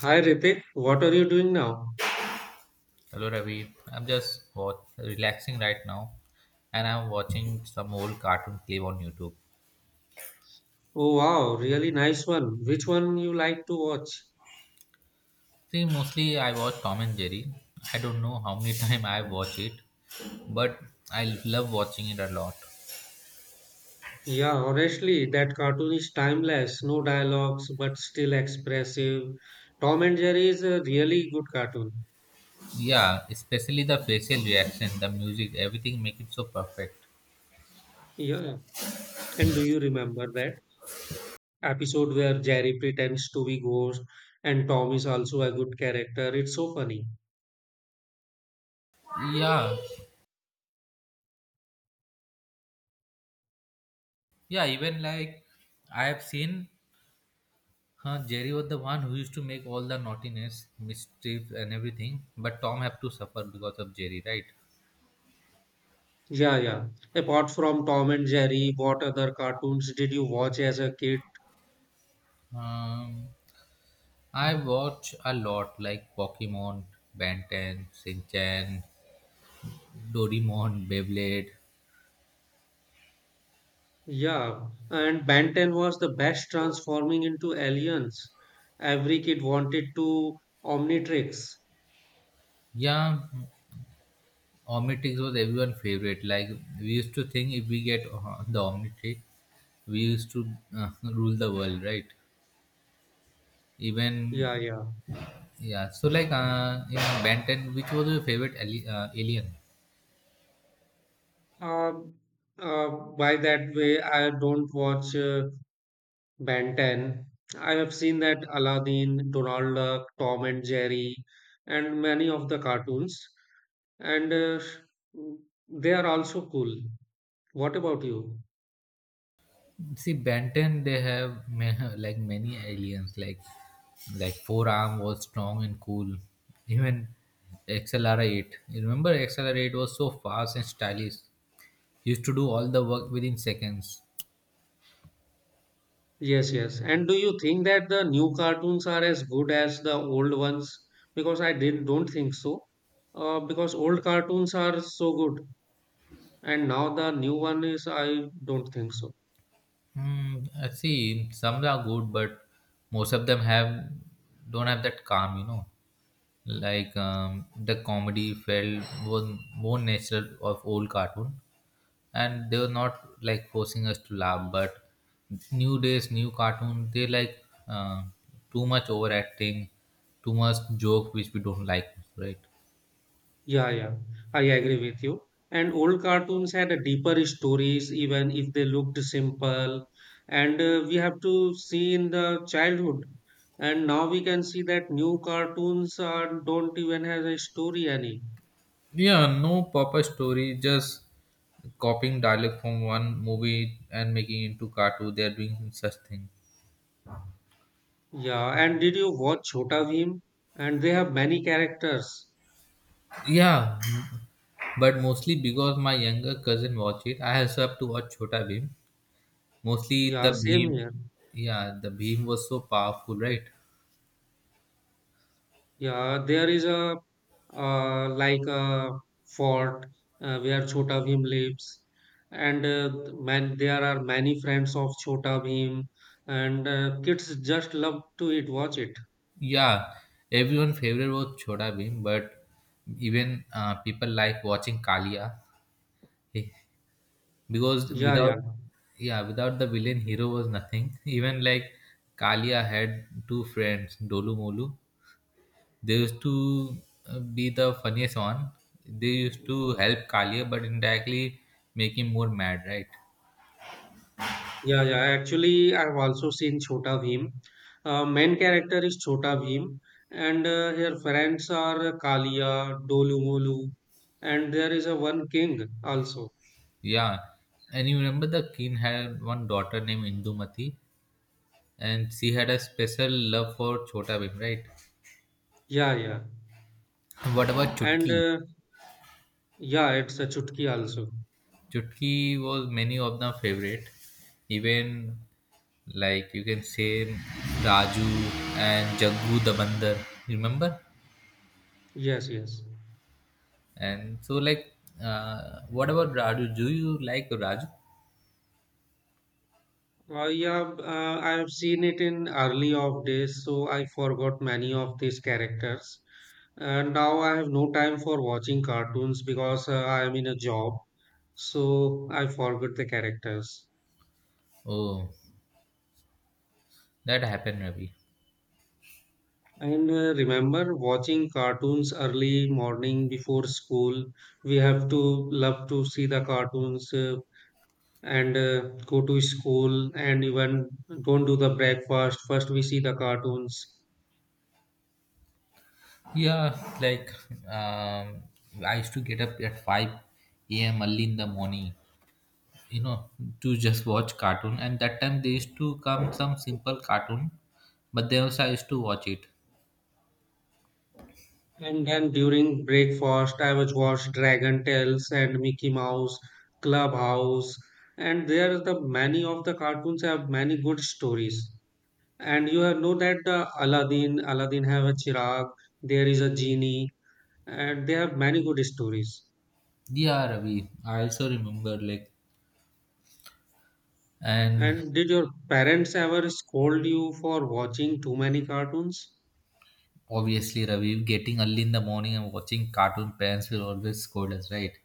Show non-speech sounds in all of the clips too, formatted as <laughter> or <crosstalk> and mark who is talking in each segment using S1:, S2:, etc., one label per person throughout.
S1: Hi Ritik, what are you doing now?
S2: Hello Ravi, I'm just what, relaxing right now and I'm watching some old cartoon clip on YouTube.
S1: Oh wow, really nice one. Which one you like to watch?
S2: See, mostly I watch Tom and Jerry. I don't know how many <laughs> time I watch it, but I love watching it a lot.
S1: Yeah, honestly, that cartoon is timeless, no dialogues but still expressive. Tom and Jerry is a really good cartoon.
S2: Yeah, especially the facial reaction, the music, everything make it so perfect.
S1: Yeah. And do you remember that episode where Jerry pretends to be ghost and Tom is also a good character? It's so funny.
S2: Yeah, yeah, even like I have seen Jerry was the one who used to make all the naughtiness, mischief, and everything, but Tom have to suffer because of Jerry, right?
S1: Yeah, yeah. Apart from Tom and Jerry, what other cartoons did you watch as a kid?
S2: Um, I watch a lot like Pokemon, Ben 10, Shinchan, Doraemon, Beyblade.
S1: Yeah, and Ben 10 was the best transforming into aliens. Every kid wanted to Omnitrix.
S2: Yeah, Omnitrix was everyone's favorite. Like we used to think if we get the Omnitrix, we used to <laughs> rule the world, right? Even
S1: Yeah, yeah.
S2: yeah. So like in Ben 10, which was your favorite alien?
S1: Uh, uh, by that way, I don't watch Ben 10. I have seen that Aladdin, Donald Duck, Tom and Jerry, and many of the cartoons. And they are also cool. What about you?
S2: See, Banten, they have like many aliens, like forearm was strong and cool. Even XLR8. You remember XLR8 was so fast and stylish. He used to do all the work within seconds.
S1: Yes, yes. And do you think that the new cartoons are as good as the old ones? Because I did don't think so. Because old cartoons are so good, and now the new one is I don't think so.
S2: Hmm, I see. Some are good, but most of them have don't have that calm, you know, like the comedy felt was more natural of old cartoon, and they were not like forcing us to laugh, but new days new cartoon they like uh, too much overacting, too much joke which we don't like, right?
S1: Yeah, yeah. I agree with you. And old cartoons had a deeper stories, even if they looked simple. And we have to see in the childhood. And now we can see that new cartoons are don't even have a story any.
S2: Yeah, no proper story, just copying dialogue from one movie and making it into cartoon, they are doing such thing.
S1: Yeah, and did you watch Chhota Bheem? And they have many characters.
S2: Yeah, but mostly because my younger cousin watched it, I also have to watch Chota Bheem. Mostly
S1: Yeah,
S2: the
S1: same
S2: Bheem,
S1: here.
S2: yeah, the Bheem was so powerful, right?
S1: Yeah, there is a like a fort where Chhota Bheem lives, and man, there are many friends of Chhota Bheem, and kids just love to it, watch it.
S2: Yeah, everyone favorite was Chhota Bhim, but even people like watching Kalia, eh, because
S1: Yeah, yeah.
S2: without, yeah, without the villain hero was nothing. <laughs> Even like Kalia had two friends Dolu Molu. They used to be the funniest one. They used to help Kalia, but indirectly make him more mad, right?
S1: Yeah, yeah. Actually, I've also seen Chhota Bhim. Main character is Chhota Bhim, and her friends are Kalia, Dolumolu, and there is a one king also.
S2: Yeah, and you remember the king had one daughter named Indumati, and she had a special love for Chhota Bhim, right?
S1: Yeah, yeah.
S2: What about
S1: And
S2: Chutki?
S1: yeah, it's a Chutki also.
S2: Chutki was many of the favorite. Even like you can say Raju and Jaggu the Bandar. You remember?
S1: Yes, yes.
S2: And so like, what about Raju? Do you like Raju?
S1: Yeah, I have seen it in early of days, so I forgot many of these characters. And now I have no time for watching cartoons because I am in a job, so I forgot the characters.
S2: Oh, that happened, Ravi.
S1: And remember watching cartoons early morning before school. We have to love to see the cartoons and go to school and even don't do the breakfast. First we see the cartoons.
S2: Yeah, like um, I used to get up at 5 a.m. early in the morning, you know, to just watch cartoon. And that time they used to come some simple cartoon, but they also I used to watch it.
S1: And then during breakfast, I was watched Dragon Tales and Mickey Mouse, Clubhouse, and there the many of the cartoons have many good stories. And you have know that the Aladdin, Aladdin have a chirag, there is a genie, and they have many good stories.
S2: Yeah, Ravi. I also remember like and
S1: And did your parents ever scold you for watching too many cartoons?
S2: obviously Ravi getting early in the morning and watching cartoon parents will always scold us, right?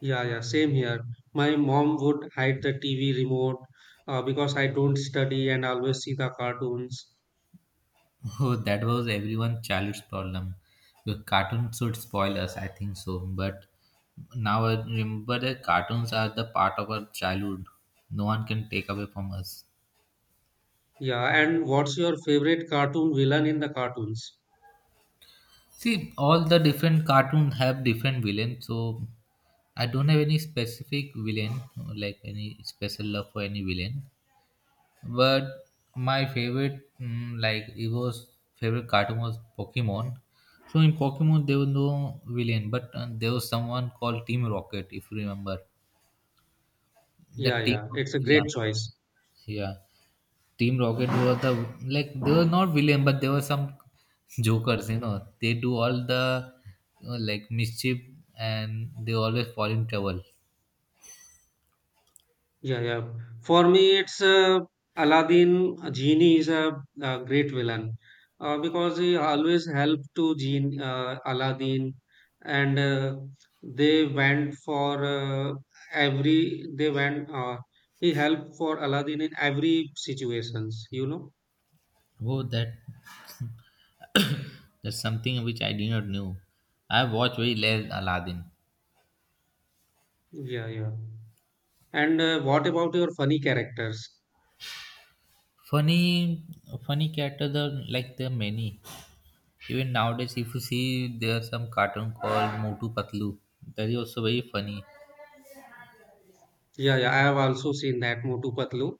S1: Yeah, yeah, same here. My mom would hide the TV remote because I don't study and always see the cartoons.
S2: <laughs> Oh, that was everyone's childhood's problem. The cartoon should spoil us, I think so. But now I remember that cartoons are the part of our childhood. No one can take away from us.
S1: Yeah, and what's your favorite cartoon villain in the cartoons?
S2: See, all the different cartoons have different villains, so I don't have any specific villain, like any special love for any villain. But my favorite, like Evo's favorite cartoon was Pokemon. So in Pokemon, there was no villain, but there was someone called Team Rocket, if you remember.
S1: Yeah,
S2: That team,
S1: yeah, it's a
S2: yeah,
S1: great choice.
S2: yeah. Team Rocket was the like they were not villain, but there were some jokers. You know, they do all the like mischief, and they always fall in trouble.
S1: Yeah, yeah. For me, it's Aladdin. Genie is a, great villain because he always helped to Genie, Aladdin, and they went for every. They went. He helped for Aladdin in every situations. You know.
S2: Oh, that's something which I did not know. I watched very less Aladdin.
S1: Yeah, yeah. And what about your funny characters?
S2: Funny, funny cat are the like the many. Even nowadays, if you see there are some cartoon called Motu Patlu, that is also very funny.
S1: Yeah, yeah, I have also seen that Motu Patlu.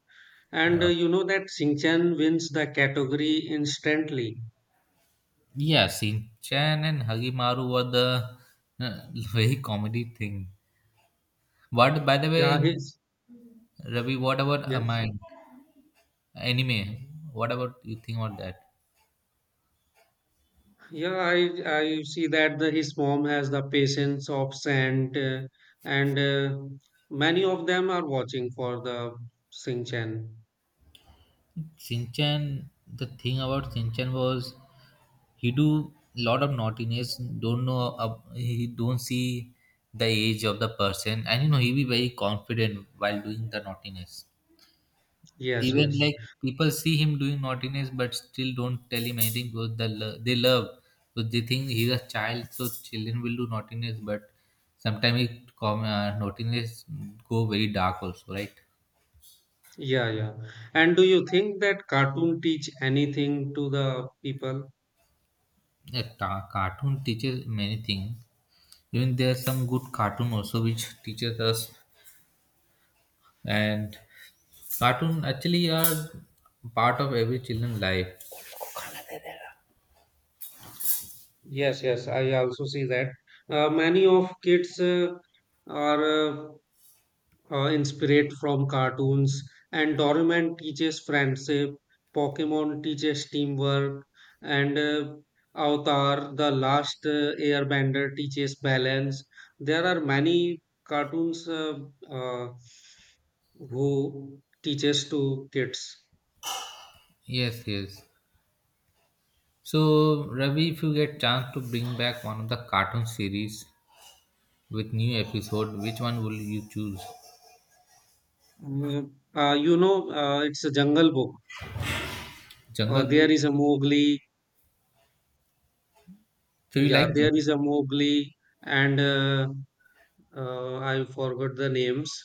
S1: And
S2: Uh,
S1: you know that Singchan wins the category instantly.
S2: yeah, Shinchan and Hagimaru were the uh, <laughs> very comedy thing. What by the
S1: Yeah,
S2: way,
S1: his
S2: Ravi, what about
S1: yes.
S2: Amine anime? What about you think about that?
S1: Yeah, I see that the, his mom has the patience of saint, and many of them are watching for the Singchan.
S2: Shinchan, the thing about Shinchan was he do lot of naughtiness, don't know, he don't see the age of the person, and you know he be very confident while doing the naughtiness.
S1: Yes,
S2: Even
S1: yes.
S2: like people see him doing naughtiness but still don't tell him anything because they love, so they think he's a child so children will do naughtiness, but sometimes it naughtiness go very dark also, right?
S1: Yeah, yeah. And do you think that cartoon teach anything to the people?
S2: Yeah, cartoon teaches many things, even there are some good cartoon also which teaches us, and cartoon actually are part of every children's life.
S1: Yes, yes. I also see that many of kids are. Inspired from cartoons, and Doraemon teaches friendship, Pokemon teaches teamwork, and Avatar, the last airbender, teaches balance. There are many cartoons uh, who teaches to kids.
S2: Yes, yes. So Ravi, if you get chance to bring back one of the cartoon series with new episode, which one will you choose?
S1: You know, it's a Jungle Book.
S2: Jungle
S1: There
S2: Book.
S1: is a Mowgli.
S2: So you
S1: Yeah,
S2: like
S1: there
S2: Jungle?
S1: is a Mowgli, and I forgot the names.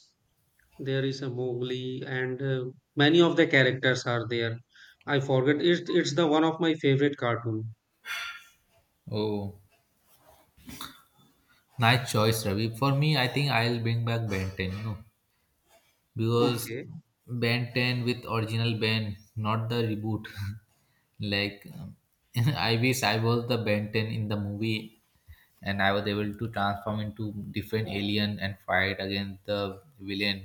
S1: There is a Mowgli, and many of the characters are there. I forget. It's the one of my favorite cartoon.
S2: Oh, nice choice, Ravi. For me, I think I'll bring back Ben 10, you know, because
S1: Okay.
S2: Ben 10 with original Ben, not the reboot. <laughs> Like, <laughs> I wish I was the Ben 10 in the movie and I was able to transform into different alien and fight against the villain.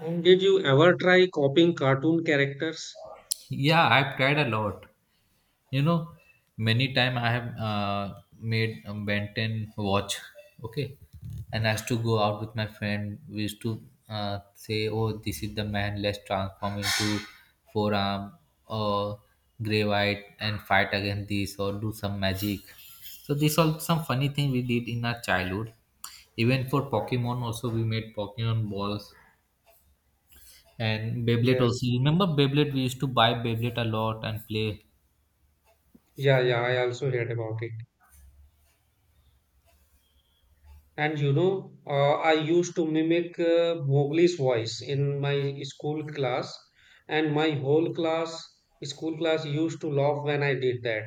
S1: And did you ever try copying cartoon characters?
S2: Yeah, I've tried a lot. You know, many time I have made a Ben 10 watch. Okay, and I used to go out with my friend. We used to say, "Oh, this is the man. Let's transform into forearm or gray white and fight against this or do some magic." So these all some funny thing we did in our childhood. Even for Pokemon, also we made Pokemon balls, and Beyblade also.
S1: Yes.
S2: Remember Beyblade? We used to buy Beyblade a lot and play.
S1: Yeah, yeah. I also heard about it. And you know, I used to mimic Mowgli's voice in my school class, and my whole class, school class, used to laugh when I did that.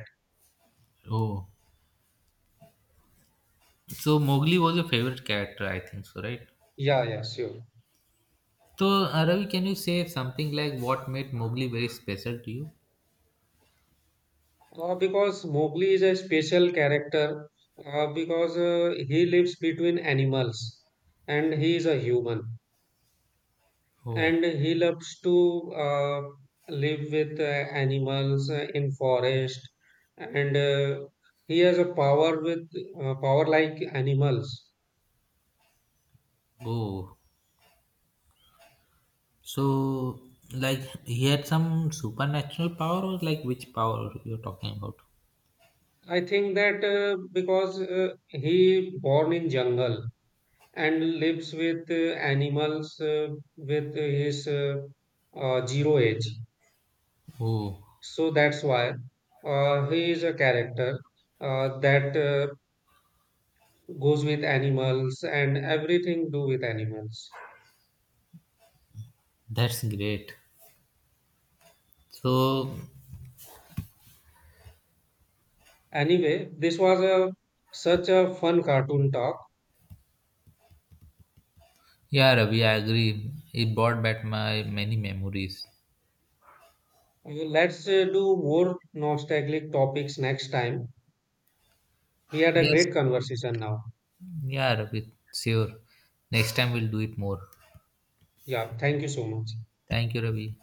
S2: Oh, so Mowgli was your favorite character, I think so, right?
S1: Yeah, yeah, sure.
S2: So Ravi, can you say something like what made Mowgli very special to you?
S1: Because Mowgli is a special character, because he lives between animals and he is a human
S2: Oh,
S1: and he loves to live with animals in forest and he has a power with power like animals.
S2: oh, so like he had some supernatural power, or like which power you're talking about?
S1: I think that because he born in jungle and lives with animals with his zero age.
S2: Oh,
S1: So that's why he is a character that goes with animals and everything do with animals.
S2: that's great. So,
S1: Anyway, this was a such a fun cartoon talk.
S2: yeah, Ravi, I agree. It brought back my many memories.
S1: Let's do more nostalgic topics next time. We had a
S2: Yes,
S1: great conversation now.
S2: yeah, Ravi, sure. Next time we'll do it more.
S1: Yeah, thank you so much.
S2: Thank you, Ravi.